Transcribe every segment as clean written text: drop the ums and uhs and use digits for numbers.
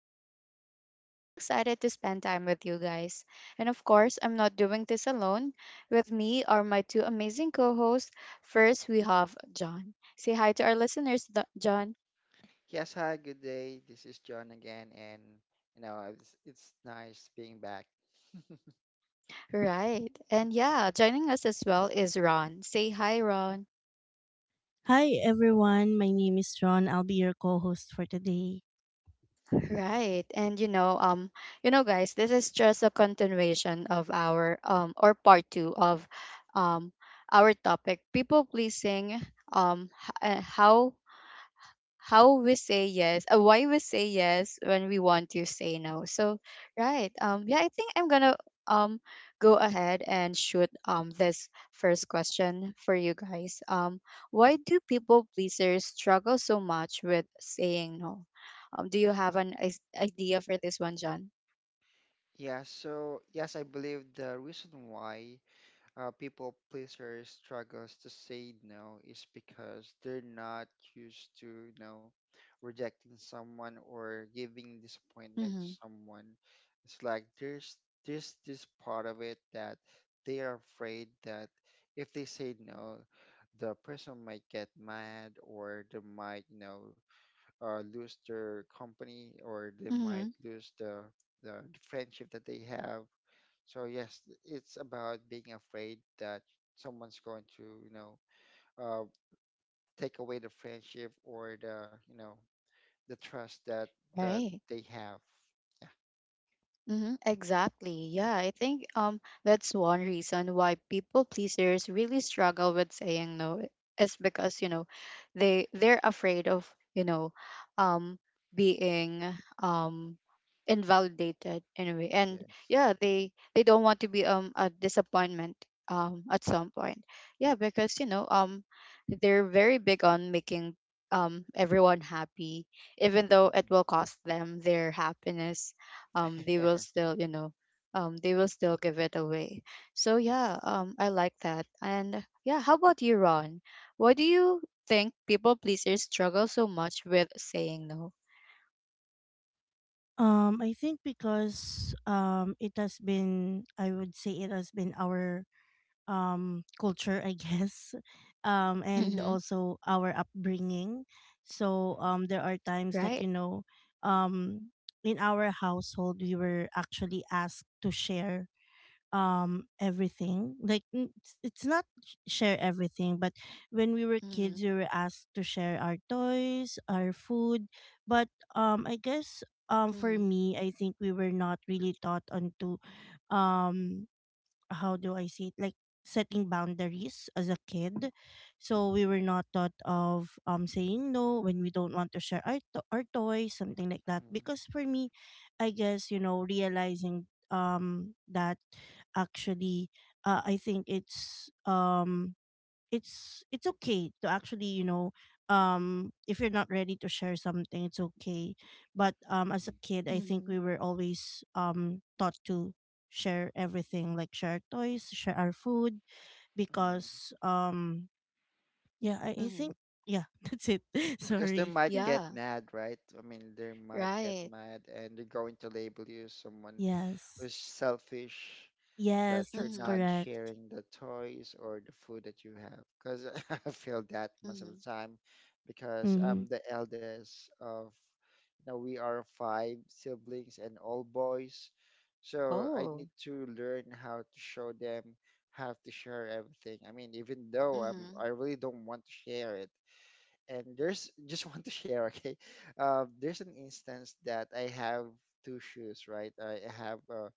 Rochelle, and I'm so excited to spend time with you guys. And of course, I'm not doing this alone. With me are my two amazing co hosts. First, we have John. Say hi to our listeners, John. Yes, hi, good day. This is John again, and it's nice being back. Right. And yeah, joining us as well is Ron. Say hi, Ron. Hi everyone, my name is John. I'll be your co-host for today. Right. And guys, this is just a continuation of our or part two of um our topic, people pleasing, um h- uh, how how we say yes, why we say yes when we want to say no. So, right. Yeah, I think I'm gonna um go ahead and shoot this first question for you guys. Why do people pleasers struggle so much with saying no? Do you have an idea for this one, John? Yeah, so yes, I believe the reason why people pleaser struggles to say no is because they're not used to rejecting someone or giving disappointment to Mm-hmm. someone. It's like there's this part of it that they are afraid that if they say no, the person might get mad, or they might lose their company, or they might Mm-hmm. lose the friendship that they have. So yes, it's about being afraid that someone's going to, uh, take away the friendship or the, the trust that that Right. they have. Mm-hmm, exactly. Yeah, I think that's one reason why people pleasers really struggle with saying no eh, is because, you know, they're afraid of, you know, um being um invalidated anyway. And Yes. yeah, they don't want to be a disappointment at some point. Yeah, because, you know, they're very big on making everyone happy even though it Mhm. will cost them their happiness, they will still, you know, they will still give it away. So yeah, Yes. I like that. And yeah, how about you, Ron? Why do you think people pleasers struggle so much with saying no? I think because it has been, I would say, it has been our culture, I guess. And Mm-hmm. also our upbringing. So Mm, there are times that Right. Um in our household we were actually asked to share everything like it's not share everything, but when we were kids Mm-hmm. we were asked to share our toys, our food. But I guess for Mm-hmm. me I think we were not really taught on to um how do I see it? Like setting boundaries as a kid. So we were not taught of saying no when we don't want to share our, our toys, something like that. mm, Because for me, I guess, you know, realizing that actually I think it's okay to actually, you know, if you're not ready to share something, it's okay. But as a mm, kid I think Mm-hmm. we were always taught to share everything, like share toys, share our food mm. because yeah, I Mm-hmm. think yeah. That's it. Because they Sorry. might get Yeah. mad, right? I mean, they might get Right. mad and they're going to label you as someone Yes. who's selfish, that Yes, you're that's not Mm-hmm. correct. sharing the toys or the food that you have. Because I feel that most of the Mm-hmm. time, because Mm-hmm. I'm the eldest of, we are five siblings and all boys. So I Oh. need to learn how to show them how to share everything. I mean, even though I'm, Mm-hmm. I really don't want to share it, and there's just want to share. Okay, there's an instance that I have two shoes, right? I have uh,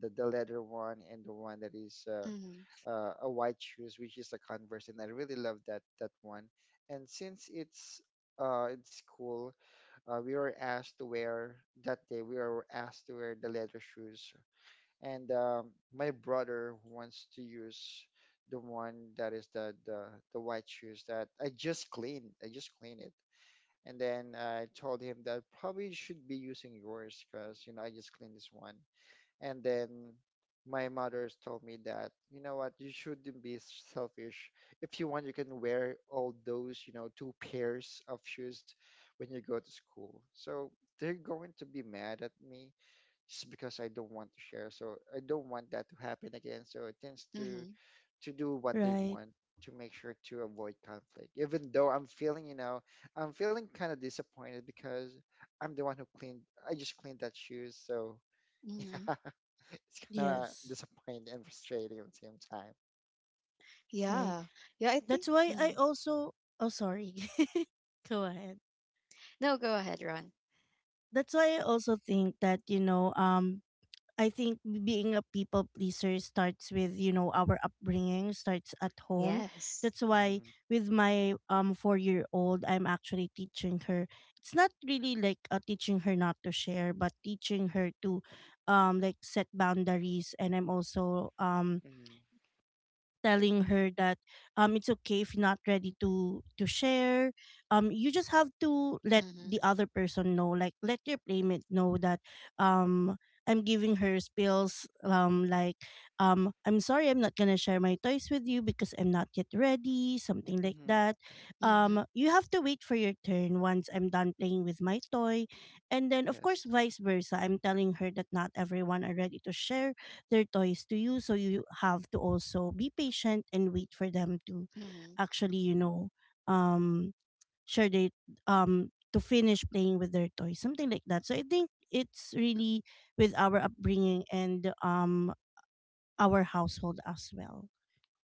the, the leather one, and the one that is Mm-hmm. A white shoes, which is a Converse, and I really love that one. And since it's in school, we were asked to wear that day we were asked to wear the leather shoes. And my brother wants to use the one that is the white shoes that I just cleaned. I just cleaned it. And then I told him that probably should be using yours because, I just cleaned this one. And then my mother's told me that, you know what, you shouldn't be selfish. If you want, you can wear all those, two pairs of shoes when you go to school. So they're going to be mad at me just because I don't want to share. So I don't want that to happen again. So it tends to Mm-hmm. Do what they Right. want to make sure to avoid conflict. Even though I'm feeling kind of disappointed because I'm the one who cleaned, I just cleaned that shoes. So Mm-hmm. yeah, it's kind of Yes. disappointing and frustrating at the same time. Right. Yeah. yeah i think That's why mm-hmm. I also, oh sorry. Go ahead. No, go ahead, Ron. That's why I also think that, you know, I think being a people pleaser starts with, you know, our upbringing, starts at home. Yes. That's why Mm-hmm. with my 4-year old I'm actually teaching her, it's not really like teaching her not to share, but teaching her to like set boundaries, and I'm also Mm-hmm. telling her that it's okay if you're not ready to share. Um, you just have to let Mm-hmm. the other person know, like let your playmate know that um I'm giving her spills, like I'm sorry, I'm not gonna share my toys with you because I'm not yet ready, something like Mm-hmm. that. Mm-hmm. Um, you have to wait for your turn once I'm done playing with my toy. And then of Yes. course, vice versa, I'm telling her that not everyone are ready to share their toys to you, so you have to also be patient and wait for them to Mm-hmm. actually, you Mm-hmm. know, um share their to finish playing with their toys, something like that. So I think it's really with our upbringing and our household as well.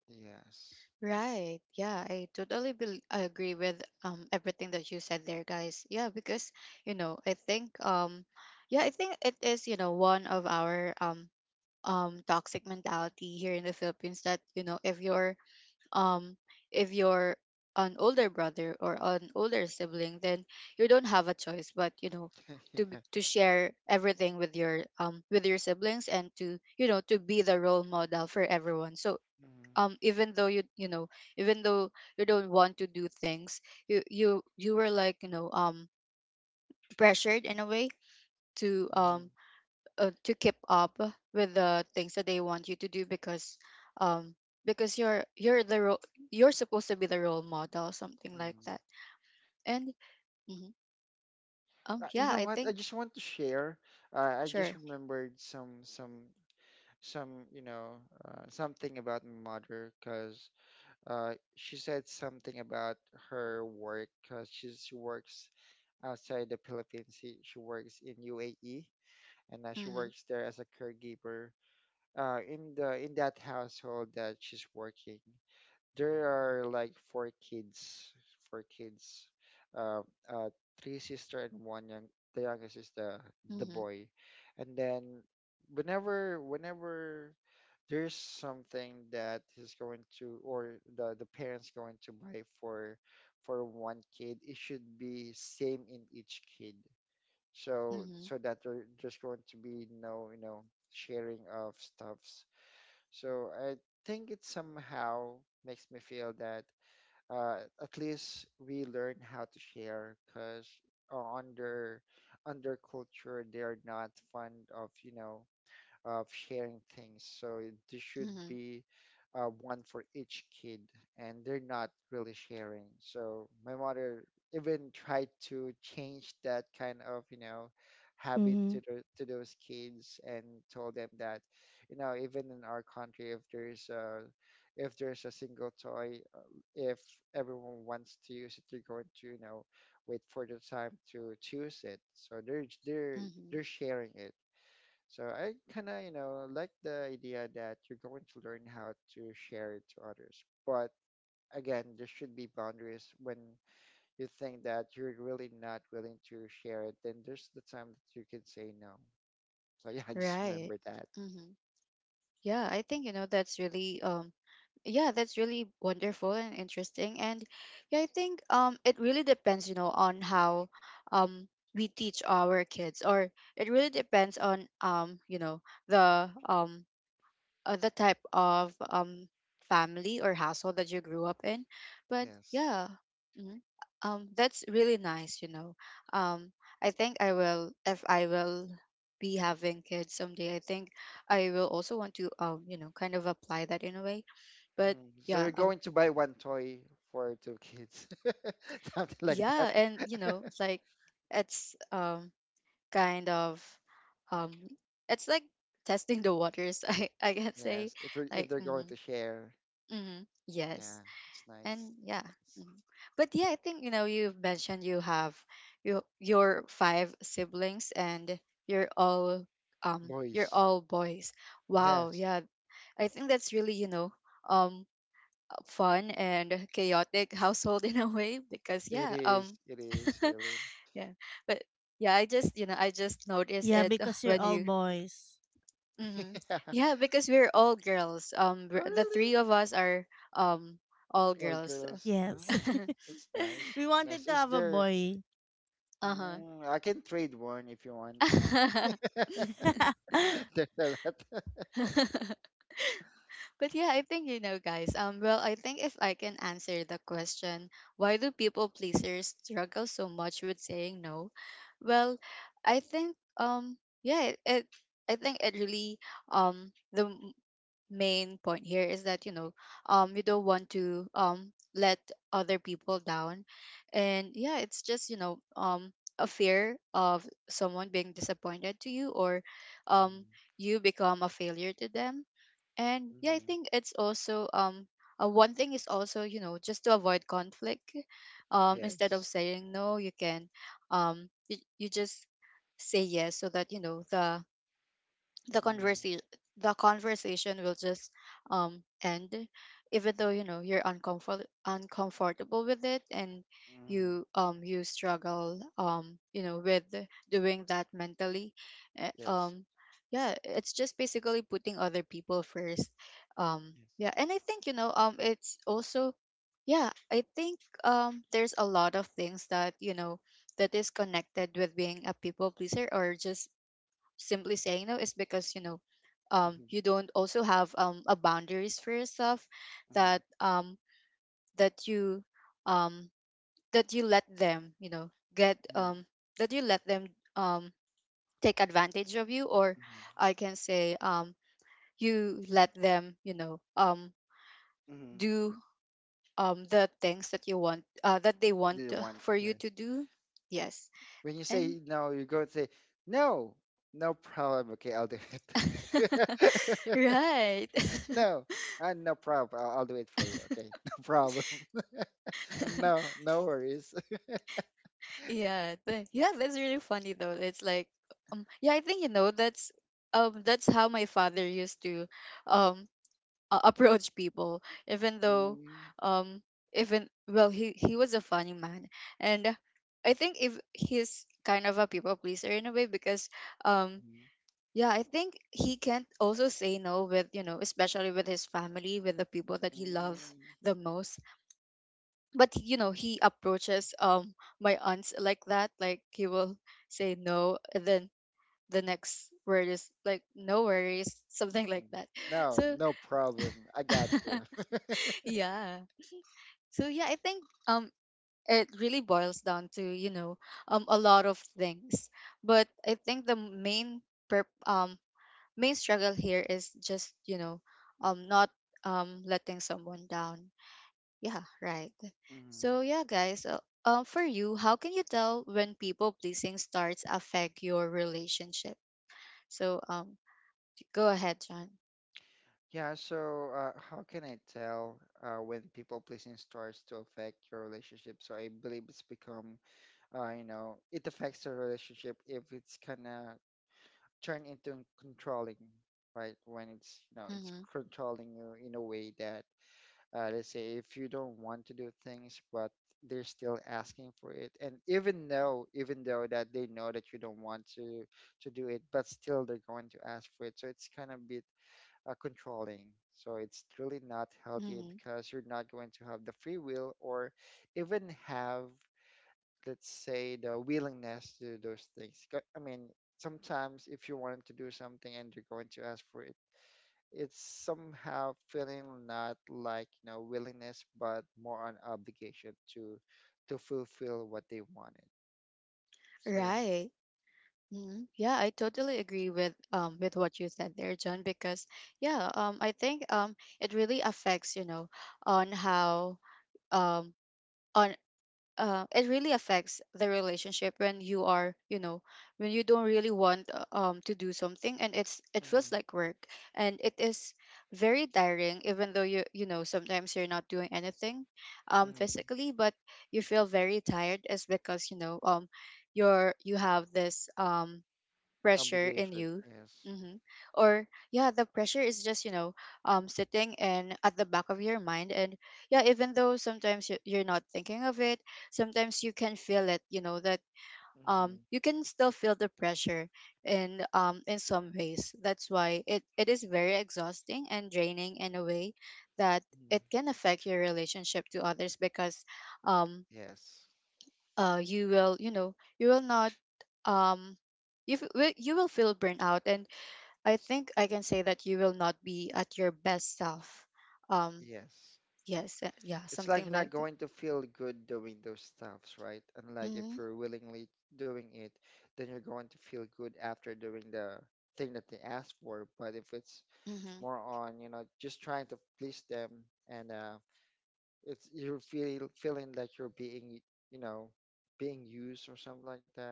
Yes. Right. Yeah, I totally bel agree with everything that you said there, guys. Yeah, because you know, I think yeah, I think it is, you know, one of our toxic mentality here in the Philippines that, you know, um if you're an older brother or an older sibling, then you don't have a choice but, you know, to Yeah. To share everything with your siblings and to, you know, to be the role model for everyone. So Hmm. Even though you know, even though you don't want to do things, you were like, you know, pressured in a way to Hmm. um to keep up with the things that they want you to do um because you're the role, you're supposed to be the role model, something like Hmm. that. And mhm, You yeah, know I what? I think just want to share. I just sure. remembered something about my mother, because she said something about her work, because she works outside the Philippines. She works in UAE, and now she Mm-hmm. works there as a caregiver. In that household that she's working, there are like four kids, uh, uh, three sister and one young. The youngest is the Mm-hmm. boy, and then whenever there's something that is going to or the parents going to buy for one kid, it should be same in each kid. So Mm-hmm. That there's going to be no sharing of stuffs. So I think it somehow makes me feel that at least we learn how to share because under under culture they're not fond of, sharing things. So there should Mm-hmm. be one for each kid, and they're not really sharing. So my mother even tried to change that kind of, habit Mm-hmm. to to those kids and told them that, you know, even in our country, if there's a single toy, if everyone wants to use it, they're going to, wait for the time to choose it. So they're they're Right. Hmm. they're sharing it. So I kind of, like the idea that you're going to learn how to share it to others. But again, there should be boundaries when you think that you're really not willing to share it, then there's the time that you can say no. So yeah, I just Right. remember that. Mhm. Yeah, I think you know that's really yeah, that's really wonderful and interesting. And yeah, I think it really depends, you know, on how um we teach our kids, or it really depends on you know, the um the type of family or household that you grew up in. But Yes. yeah, mhm. That's really nice, you know. um I think I will if I will be having kids someday, I think I will also want to you know, kind of apply that in a way. But Mhm. So yeah, you're going to buy one toy for two kids, something like that. yeah. And you know, like it's kind of um it's like testing the waters I can say Yes, if like. they're going Mm-hmm. to share, Mm-hmm. Yes. yeah, it's nice. And It's yeah. nice. Mhm. But yeah, I think you know you've mentioned you have, your five siblings and you're all you're Boys, all boys. Wow, yes, yeah. I think that's really, you know, um fun and chaotic household in a way because it yeah, is. It is really. yeah. But yeah, I just, you know, I just noticed Yeah, it because you're when all you boys. hmm. Yeah. Yeah, because we're all girls. Um, Oh, the really? three of us are um all Well, girls. girls. Yes. Oh, that's nice. We That's wanted nice. to Is have a there? boy. Uh-huh. Mm, I can trade one if you want. There's a lot. But yeah, I think you know, guys. Well, I think if I can answer the question, why do people pleasers struggle so much with saying no? Well, I think yeah, it I think it really um the m- main point here is that you know you don't want to let other people down, and yeah, it's just you know a fear of someone being disappointed to you, or um you become a failure to them. And yeah, I Mm-hmm. think it's also one thing is also you know, just to avoid conflict. Instead of Yes. saying no, you can you just say yes so that you know the the Mm, conversation conversation will just end even though you know you're uncomfortable with it, and mm, you you struggle, you know, with doing that mentally. Eh, yes. Yes. Yeah, it's just basically putting other people first. Yeah, and I think, you know, it's also, yeah, I think there's a lot of things that you know that is connected with being a people pleaser or just simply saying no, is because you know, Mm-hmm. you don't also have a boundaries for yourself, that Mm-hmm. um, that you um, let them you know get Mm-hmm. That you let them um, take advantage of you, or I can say you let them you know Mm-hmm. do the things that you want that they Do want you want? for you to Yes. do. Yes. When you And say no, you go and say no. No problem. Okay, I'll do it. right. no, no problem. I'll do it for you. Okay, no problem. No, no worries. Yeah, yeah, that's really funny though. It's like, yeah, I think you know that's how my father used to um approach people, even though Mm, um even, well, he was a funny man, and I think if he's kind of a people pleaser in a way because um mm, yeah, I think he can't also say no with, you know, especially with his family, with the people that he loves mm, the most. But you know, he approaches my aunts like that, like he will say no and then the next word is like no worries something like mm. that No, so no problem. I got you. yeah. So yeah, I think um it really boils down to you know, a lot of things, but I think the main per- um main struggle here is just you know, not letting someone down. Yeah, right. Mhm. So yeah, guys, for you, how can you tell when people pleasing starts affect your relationship? So go ahead, John. Yeah, so how can I tell when people pleasing starts to affect your relationship? So I believe it's become, you know, it affects the relationship if it's kind of turned into controlling, right? When it's Mm-hmm. controlling you in a way that let's say if you don't want to do things but they're still asking for it, and even though that they know that you don't want to do it, but still they're going to ask for it. So it's kind of a bit controlling, so it's really not healthy Mm-hmm. because you're not going to have the free will, or even have, let's say, the willingness to do those things. 'Cause, I mean, sometimes if you want to do something and you're going to ask for it, it's somehow feeling not like, willingness, but more on obligation to fulfill what they wanted. So yeah. Right. Mm-hmm. Yeah, I totally agree with what you said there, John. Because yeah, I think it really affects, you know, on how um on it really affects the relationship when you are, you know, when you don't really want to do something and it's, it feels Mm, like work and it is very tiring even though you know, sometimes you're not doing anything mm, physically, but you feel very tired, is because you know you're, you have this pressure in obligation, you. yes. Hmm. Or yeah, the pressure is just, you know, sitting and at the back of your mind, and yeah, even though sometimes you're not thinking of it, sometimes you can feel it, you know, that Mm, you can still feel the pressure in some ways. That's why it it is very exhausting and draining in a way, that mm. it can affect your relationship to others, because um Yes, you will, you know, you will not um you will feel burnout, and I think I can say that you will not be at your best self. Um, yes, yes, yeah, it's like something you're not like that. going to feel good doing those stuffs, right? And like, if Mm-hmm. you're willingly doing it, then you're going to feel good after doing the thing that they asked for. But if it's Mm-hmm. more on just trying to please them, and it's feeling like you're being you know being used or something like that,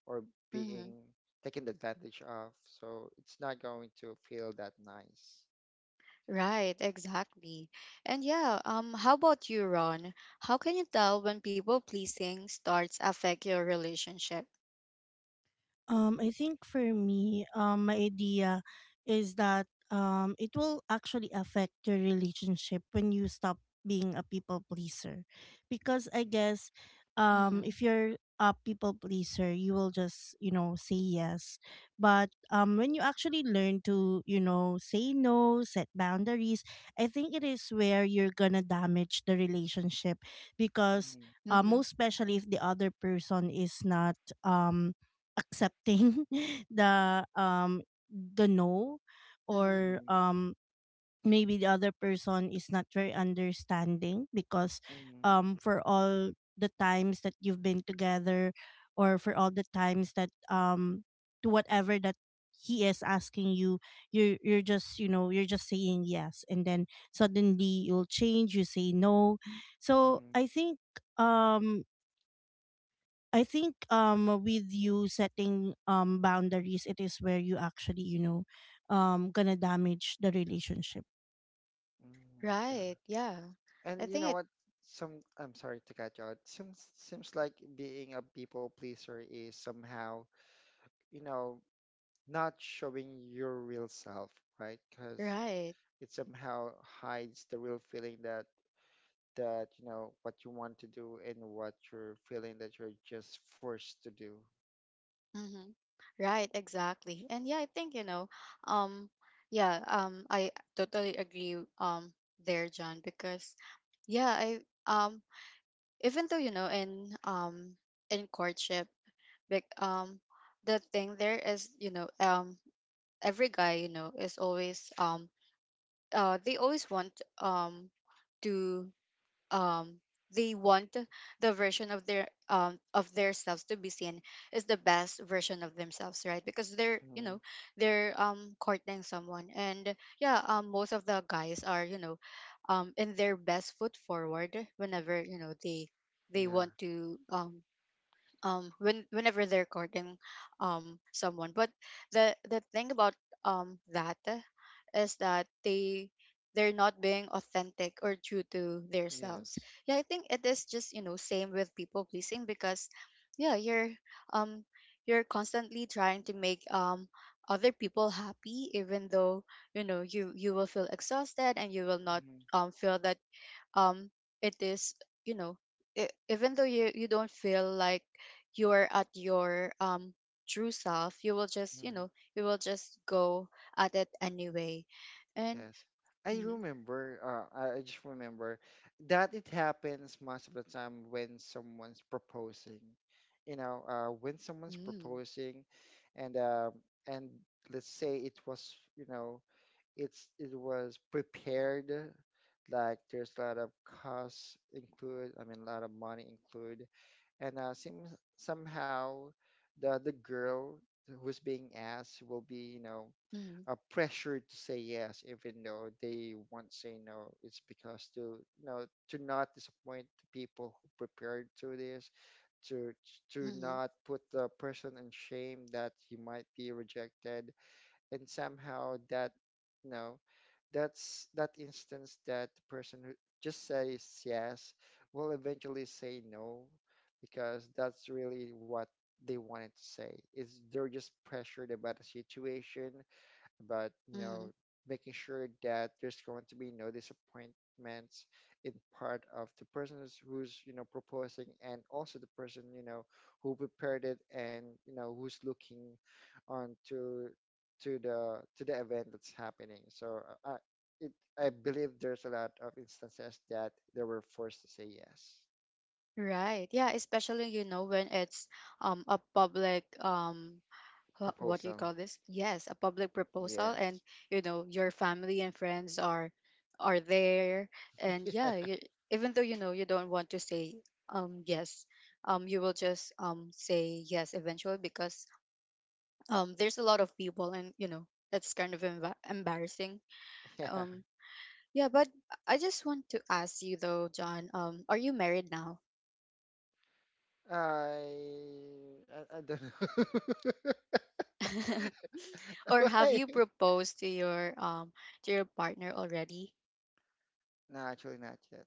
or being Mm-hmm. taken advantage of, so it's not going to feel that nice. Right, exactly. And yeah, how about you, Ron? How can you tell when people pleasing starts affect your relationship? I think for me, my idea is that it will actually affect your relationship when you stop being a people pleaser, because I guess Mm-hmm. if you're a people pleaser, you will just, you know, say yes. But when you actually learn to, you know, say no, set boundaries, I think it is where you're gonna damage the relationship because Mhm. Mm-hmm. most especially if the other person is not um accepting the um the no, Mm-hmm. or Mhm. Maybe the other person is not very understanding because Mhm. For all the times that you've been together, or for all the times that to whatever that he is asking you, you're just, you know, you're just saying yes, and then suddenly you'll change, you say no. So Mhm. I think um I think with you setting boundaries, it is where you actually, you know, gonna damage the relationship. Mm, yeah. Right, yeah. I And you know think it. what? Some I'm sorry to cut you out. Seems like being a people pleaser is somehow, you know, not showing your real self, right? Because Right. it somehow hides the real feeling that you know what you want to do and what you're feeling that you're just forced to do. Mm-hmm. Right, exactly. And yeah, I think, you know, um, yeah, I totally agree, there, John, because yeah, um, even though, you know, in courtship, like, the thing there is, you know, every guy, you know, is always, uh, they always want, um, to um they want the version of their selves to be seen, is the best version of themselves, right? Because they're, you Mm. know, they're courting someone. And yeah, most of the guys are, you know, in their best foot forward whenever, you know, they Yeah. want to whenever they're courting someone. But the thing about that is that they're not being authentic or true to themselves. Yes. Yeah, I think it is just, you know, same with people pleasing, because yeah, you're, um you're constantly trying to make other people happy, even though, you know, you will feel exhausted and you will not Mm-hmm. Feel that um it is, you know. Even though you don't feel like you are at your true self, you will just, you know, you will just go at it anyway. And Yes. I mhm. remember, I just remember that it happens most of the time when someone's proposing. When someone's Mm. proposing, and and let's say it was, it was prepared, like there's a lot of costs include, I mean, a lot of money include, and seems somehow the girl who's being asked will be, Mhm. Pressured to say yes, even though they won't say no. It's because, to you know to not disappoint the people who prepared to this to to Mhm. not put the person in shame that he might be rejected. And somehow you know that's that instance that the person who just says yes will eventually say no, because that's really what they wanted to say, is they're just pressured about the situation. But Mhm. making sure that there's going to be no disappointments in part of the person who's proposing, and also the person who prepared it, and who's looking on to the event that's happening. So it, I believe there's a lot of instances that they were forced to say yes. Right, yeah, especially, you know, when it's a public, what do you Proposal. call this? Yes, a public proposal. And Yes. you know your family and friends are there, and Yeah. yeah, you, even though you know you don't want to say yes, you will just say yes eventually, because there's a lot of people, and you know that's kind of embarrassing. Yeah. Um yeah, but I just want to ask you though, John, are you married now? I I don't know. Or have Why? you proposed to your partner already? No, actually not yet.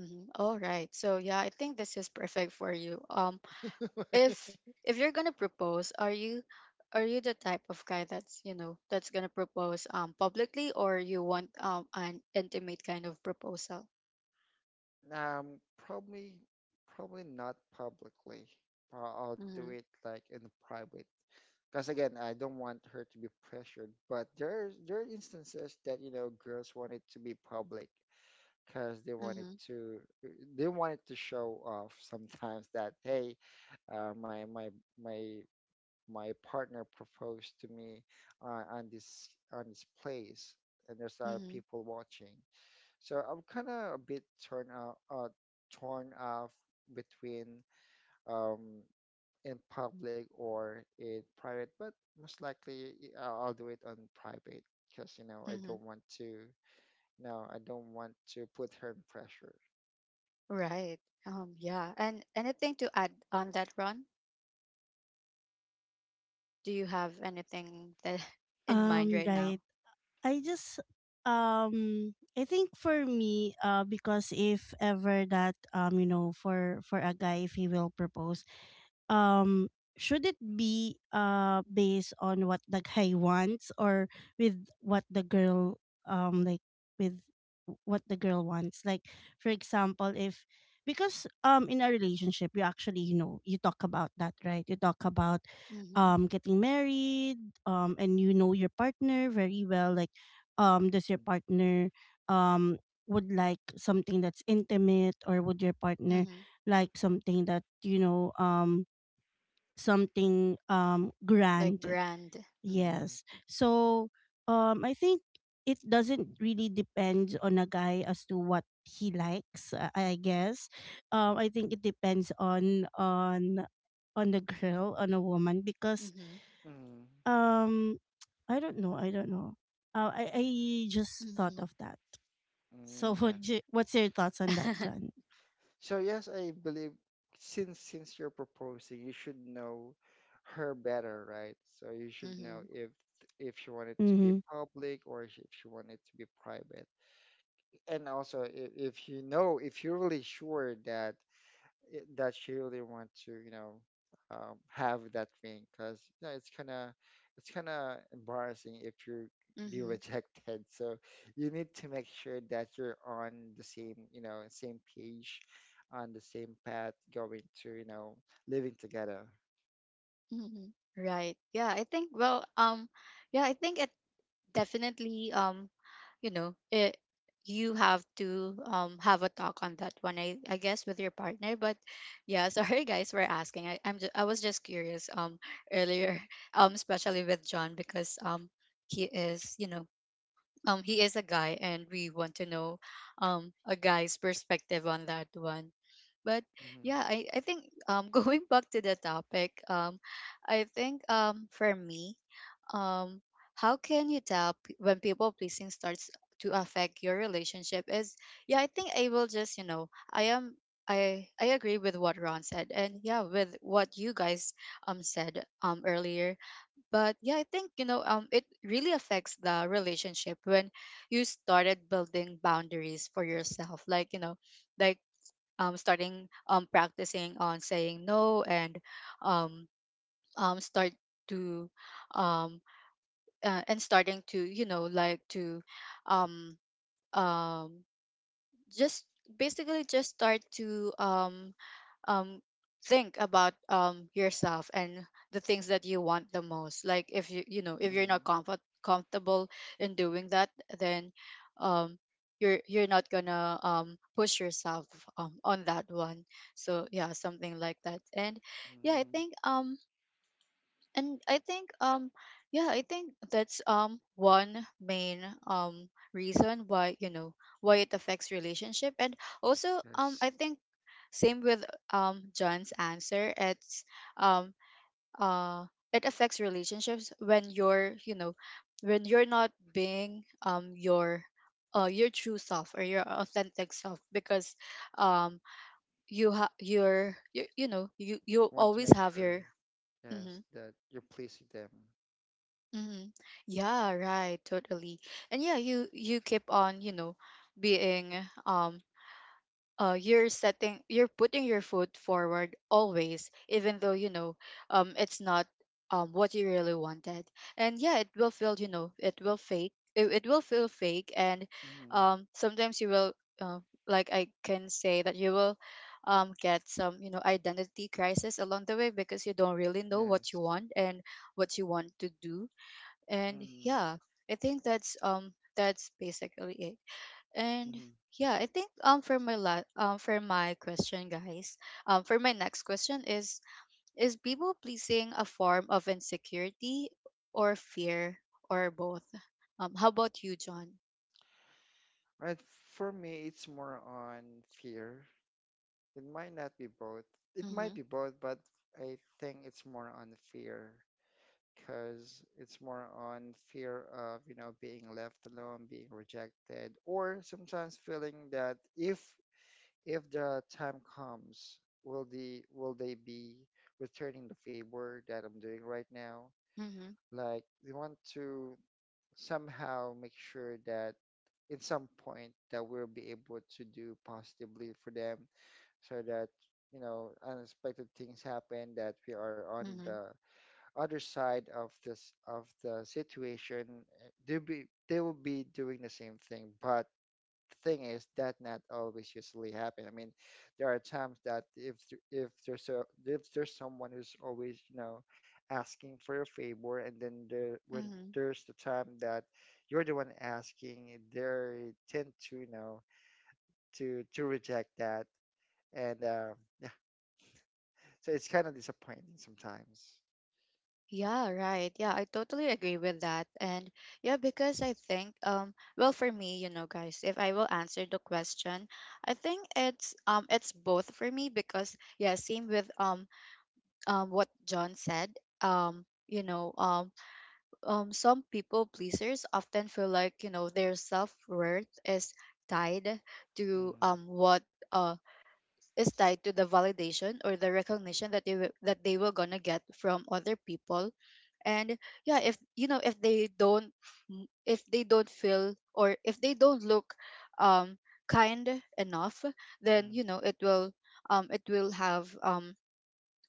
Mhm. All right. So yeah, I think this is perfect for you. If you're gonna propose, are you the type of guy that's, you know, that's gonna propose publicly, or you want an intimate kind of proposal? Um, probably, probably not publicly. I'll do Mm-hmm. it like in private. Because again, I don't want her to be pressured. But there are instances that girls want it to be public, because they wanted Mm-hmm. to they wanted to show off sometimes that hey, uh, my my my my partner proposed to me on this place, and there's a lot of Mm-hmm. people watching. So I'm kind of a bit torn off between um, in public or in private, but most likely I'll do it on private because I Mm-hmm. don't want to, no, I don't want to put her in pressure. Right. Yeah. And anything to add on that, Ron? Do you have anything that in mind right Right. now? I just I think for me, because if ever that, you know, for a guy, if he will propose, um should it be based on what the guy wants, or with what the girl like with what the girl wants? Like, for example, if, because in a relationship you actually, you know, you talk about that, right? You talk about Mm-hmm. Getting married, and you know your partner very well, like does your partner um would like something that's intimate, or would your partner Mm-hmm. like something that, you know, something Like grand. grand. Mm-hmm. Mm, Yes. So I think it doesn't really depend on a guy as to what he likes, I guess. Um, I think it depends on on the girl, on a woman because Mm-hmm. mm, um I don't know, I just Mm-hmm. thought of that. mm, So yeah. What's your thoughts on that, John? So yes, I believe since you're proposing, you should know her better, right? So you should Mm-hmm. know if she wanted to be Mm-hmm. public, or if she wanted to be private. And also if you're really sure that that she really want to, have that thing, because it's kind of embarrassing if you be Mm-hmm. rejected. So you need to make sure that you're on the same, same page, on the same path, going to, living together. Mhm. Right. Yeah, I think, well, yeah, I think it definitely, you know, it you have to have a talk on that one, I guess, with your partner. But yeah, sorry guys for asking. I was just curious, earlier, especially with John, because he is, you know, he is a guy, and we want to know a guy's perspective on that one. But Mm-hmm. yeah, I think, going back to the topic, I think, for me, um how can you tell, when people pleasing starts to affect your relationship, is, yeah, I think I will just, you know, I agree with what Ron said, and yeah, with what you guys said earlier. But yeah, I think, you know, it really affects the relationship when you started building boundaries for yourself, like, you know, like, starting, practicing on saying no, and um start to, um and starting to, you know, like, to um um just, basically just start to um think about yourself and the things that you want the most, like if you, you know, if you're Mm-hmm. not comfortable in doing that, then um you're not gonna push yourself on that one. So yeah, something like that. And yeah, I Mm-hmm. think, and I think, yeah, I think that's one main reason why, you know, why it affects relationship. And also, Yes, I think same with John's answer. It's um uh it affects relationships when you're, you know, when you're not being your, your true self or your authentic self, because um you're, you know, you want to always make have sure, your yes, mhm. that you're pleasing them. Hmm. Yeah, right, totally. And yeah, you keep on, you know, being, um you're setting, you're putting your foot forward always, even though, you know, it's not what you really wanted. And yeah, it will feel, you know, it will fake. It will feel fake. And Mm-hmm. Sometimes you will, uh, like, I can say that you will get some, you know, identity crisis along the way, because you don't really know what Yes. you want and what you want to do. And Mm-hmm. yeah, I think that's basically it. And Mm-hmm. yeah, I think, for my for my question, guys, for my next question is people pleasing a form of insecurity or fear, or both? How about you, John? Right, for me, it's more on fear. It might not be both. It might Mm-hmm. be both, but I think it's more on fear, because it's more on fear of, being left alone, being rejected, or sometimes feeling that if the time comes, will they be returning the favor that I'm doing right now? Hmm. Like they want to somehow make sure that at some point that we'll be able to do positively for them, so that unexpected things happen, that we are on the other side of the situation. They will be doing the same thing, but thing is that not always usually happen. I mean, there are times that if th- if there's a if there's someone who's always, asking for a favor, and then there when Hmm. there's the time that you're the one asking, they tend to, to reject that, and yeah, so it's kind of disappointing sometimes. Yeah, right. Yeah, I totally agree with that. And yeah, because I think, well, for me, you know, guys, if I will answer the question, I think it's, it's both for me, because yeah, same with, what John said. You know, some people pleasers often feel like, you know, their self-worth is tied to Mm, what is tied to the validation or the recognition that they, that they were gonna get from other people. And yeah, if you know, if they don't, if they don't feel, or if they don't look um kind enough, then mm, you know it will, it will have um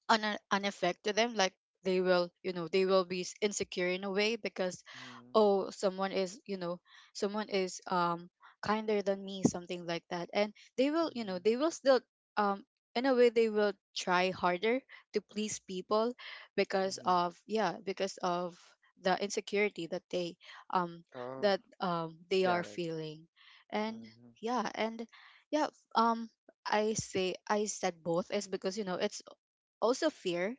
an, an effect to them, like they will, you know, they will be, insecure in a way, because mm, oh, someone is, you know, someone is, kinder than me, something like that. And they will, you mm, know, they will still um in a way, they will try harder to please people, because mm. of, yeah, because of the insecurity that they, um Oh, that they are got it. feeling. And Hmm. yeah. And yeah, um I say, I said both, is because you know, it's also fear.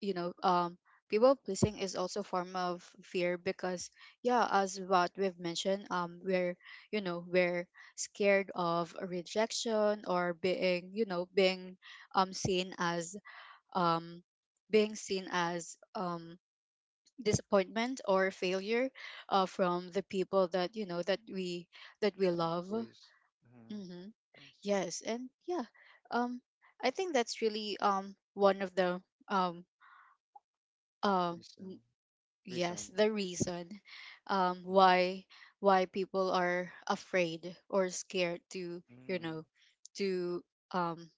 You know, people pleasing is also a form of fear, because yeah, as what we've mentioned, we're, you know, we're scared of rejection, or being, you know, being seen as, um being seen as, disappointment or failure, from the people that you know, that we Trying to love. please. Mm-hmm. Hmm. Yes. Yes. And yeah, um I think that's really, one of the, um um Reason. n- Reason. yes, the reason, um Mm-hmm. why why people are afraid or scared to, you know, to, um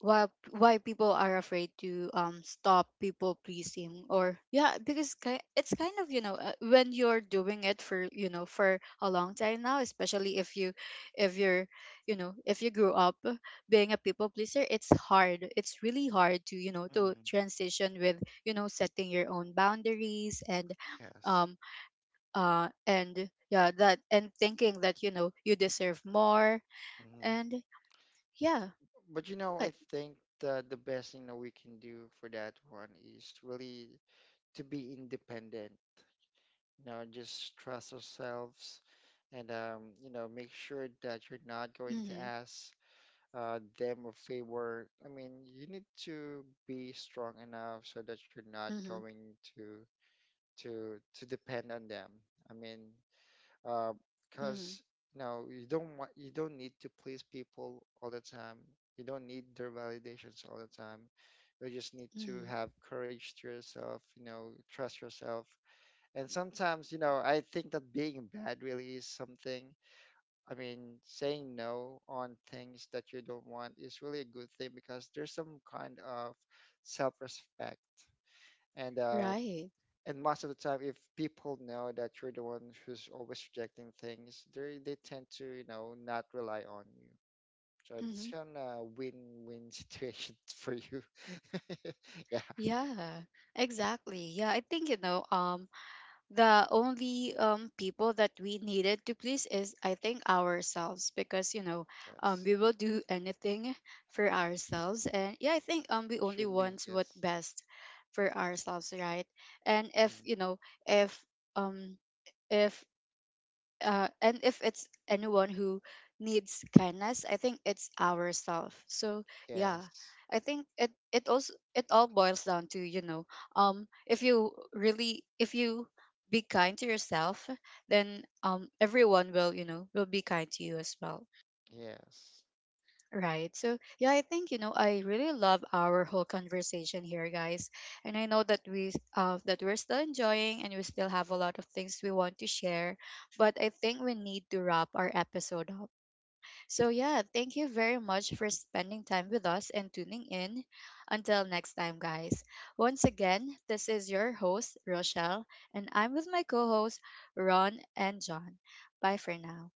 why why people are afraid to stop people pleasing. Or yeah, because, it's kind of, you know, when you're doing it for, you know, for a long time now, especially if you, if you're, you know, if you grew up being a people pleaser, it's hard. It's really hard to, you know, to Mm-hmm. transition with, you know, setting your own boundaries. And Yes. um and yeah, that, and thinking that you know you deserve more. Hmm. And yeah, But I, I think the best thing that we can do for that one is really to be independent. Just trust ourselves, and make sure that you're not going to mm-hmm. ask them a favor. I mean, you need to be strong enough so that you're not Mm-hmm. going to depend on them. I mean, Mm-hmm. because you don't need to please people all the time. You don't need their validations all the time. You just need to Mhm. have courage to yourself. Trust yourself. And sometimes, I think that being bad really is something. I mean, saying no on things that you don't want is really a good thing because there's some kind of self-respect, and uh, Right. and most of the time if people know that you're the one who's always rejecting things they tend to not rely on you, so it's Hmm. kind of win-win situation for you. Yeah. Yeah, exactly. Yeah, I think, you know, the only people that we needed to please is, I think, ourselves, because you know, Yes, we will do anything for ourselves. And yeah, I think we only should be want what yes. best for ourselves, right? And if, Mhm. you know, if um if and if it's anyone who needs kindness, I think it's ourselves. So yeah, Yes, I think it, it also, it all boils down to, you know, if you really, if you be kind to yourself, then everyone will, you know, will be kind to you as well. yes. Right. So yeah, I think, you know, I really love our whole conversation here, guys. And I know that we, that we're still enjoying, and we still have a lot of things we want to share, but I think we need to wrap our episode up. So yeah, thank you very much for spending time with us and tuning in. Until next time, guys. Once again, this is your host, Rochelle, and I'm with my co-hosts, Ron and John. Bye for now.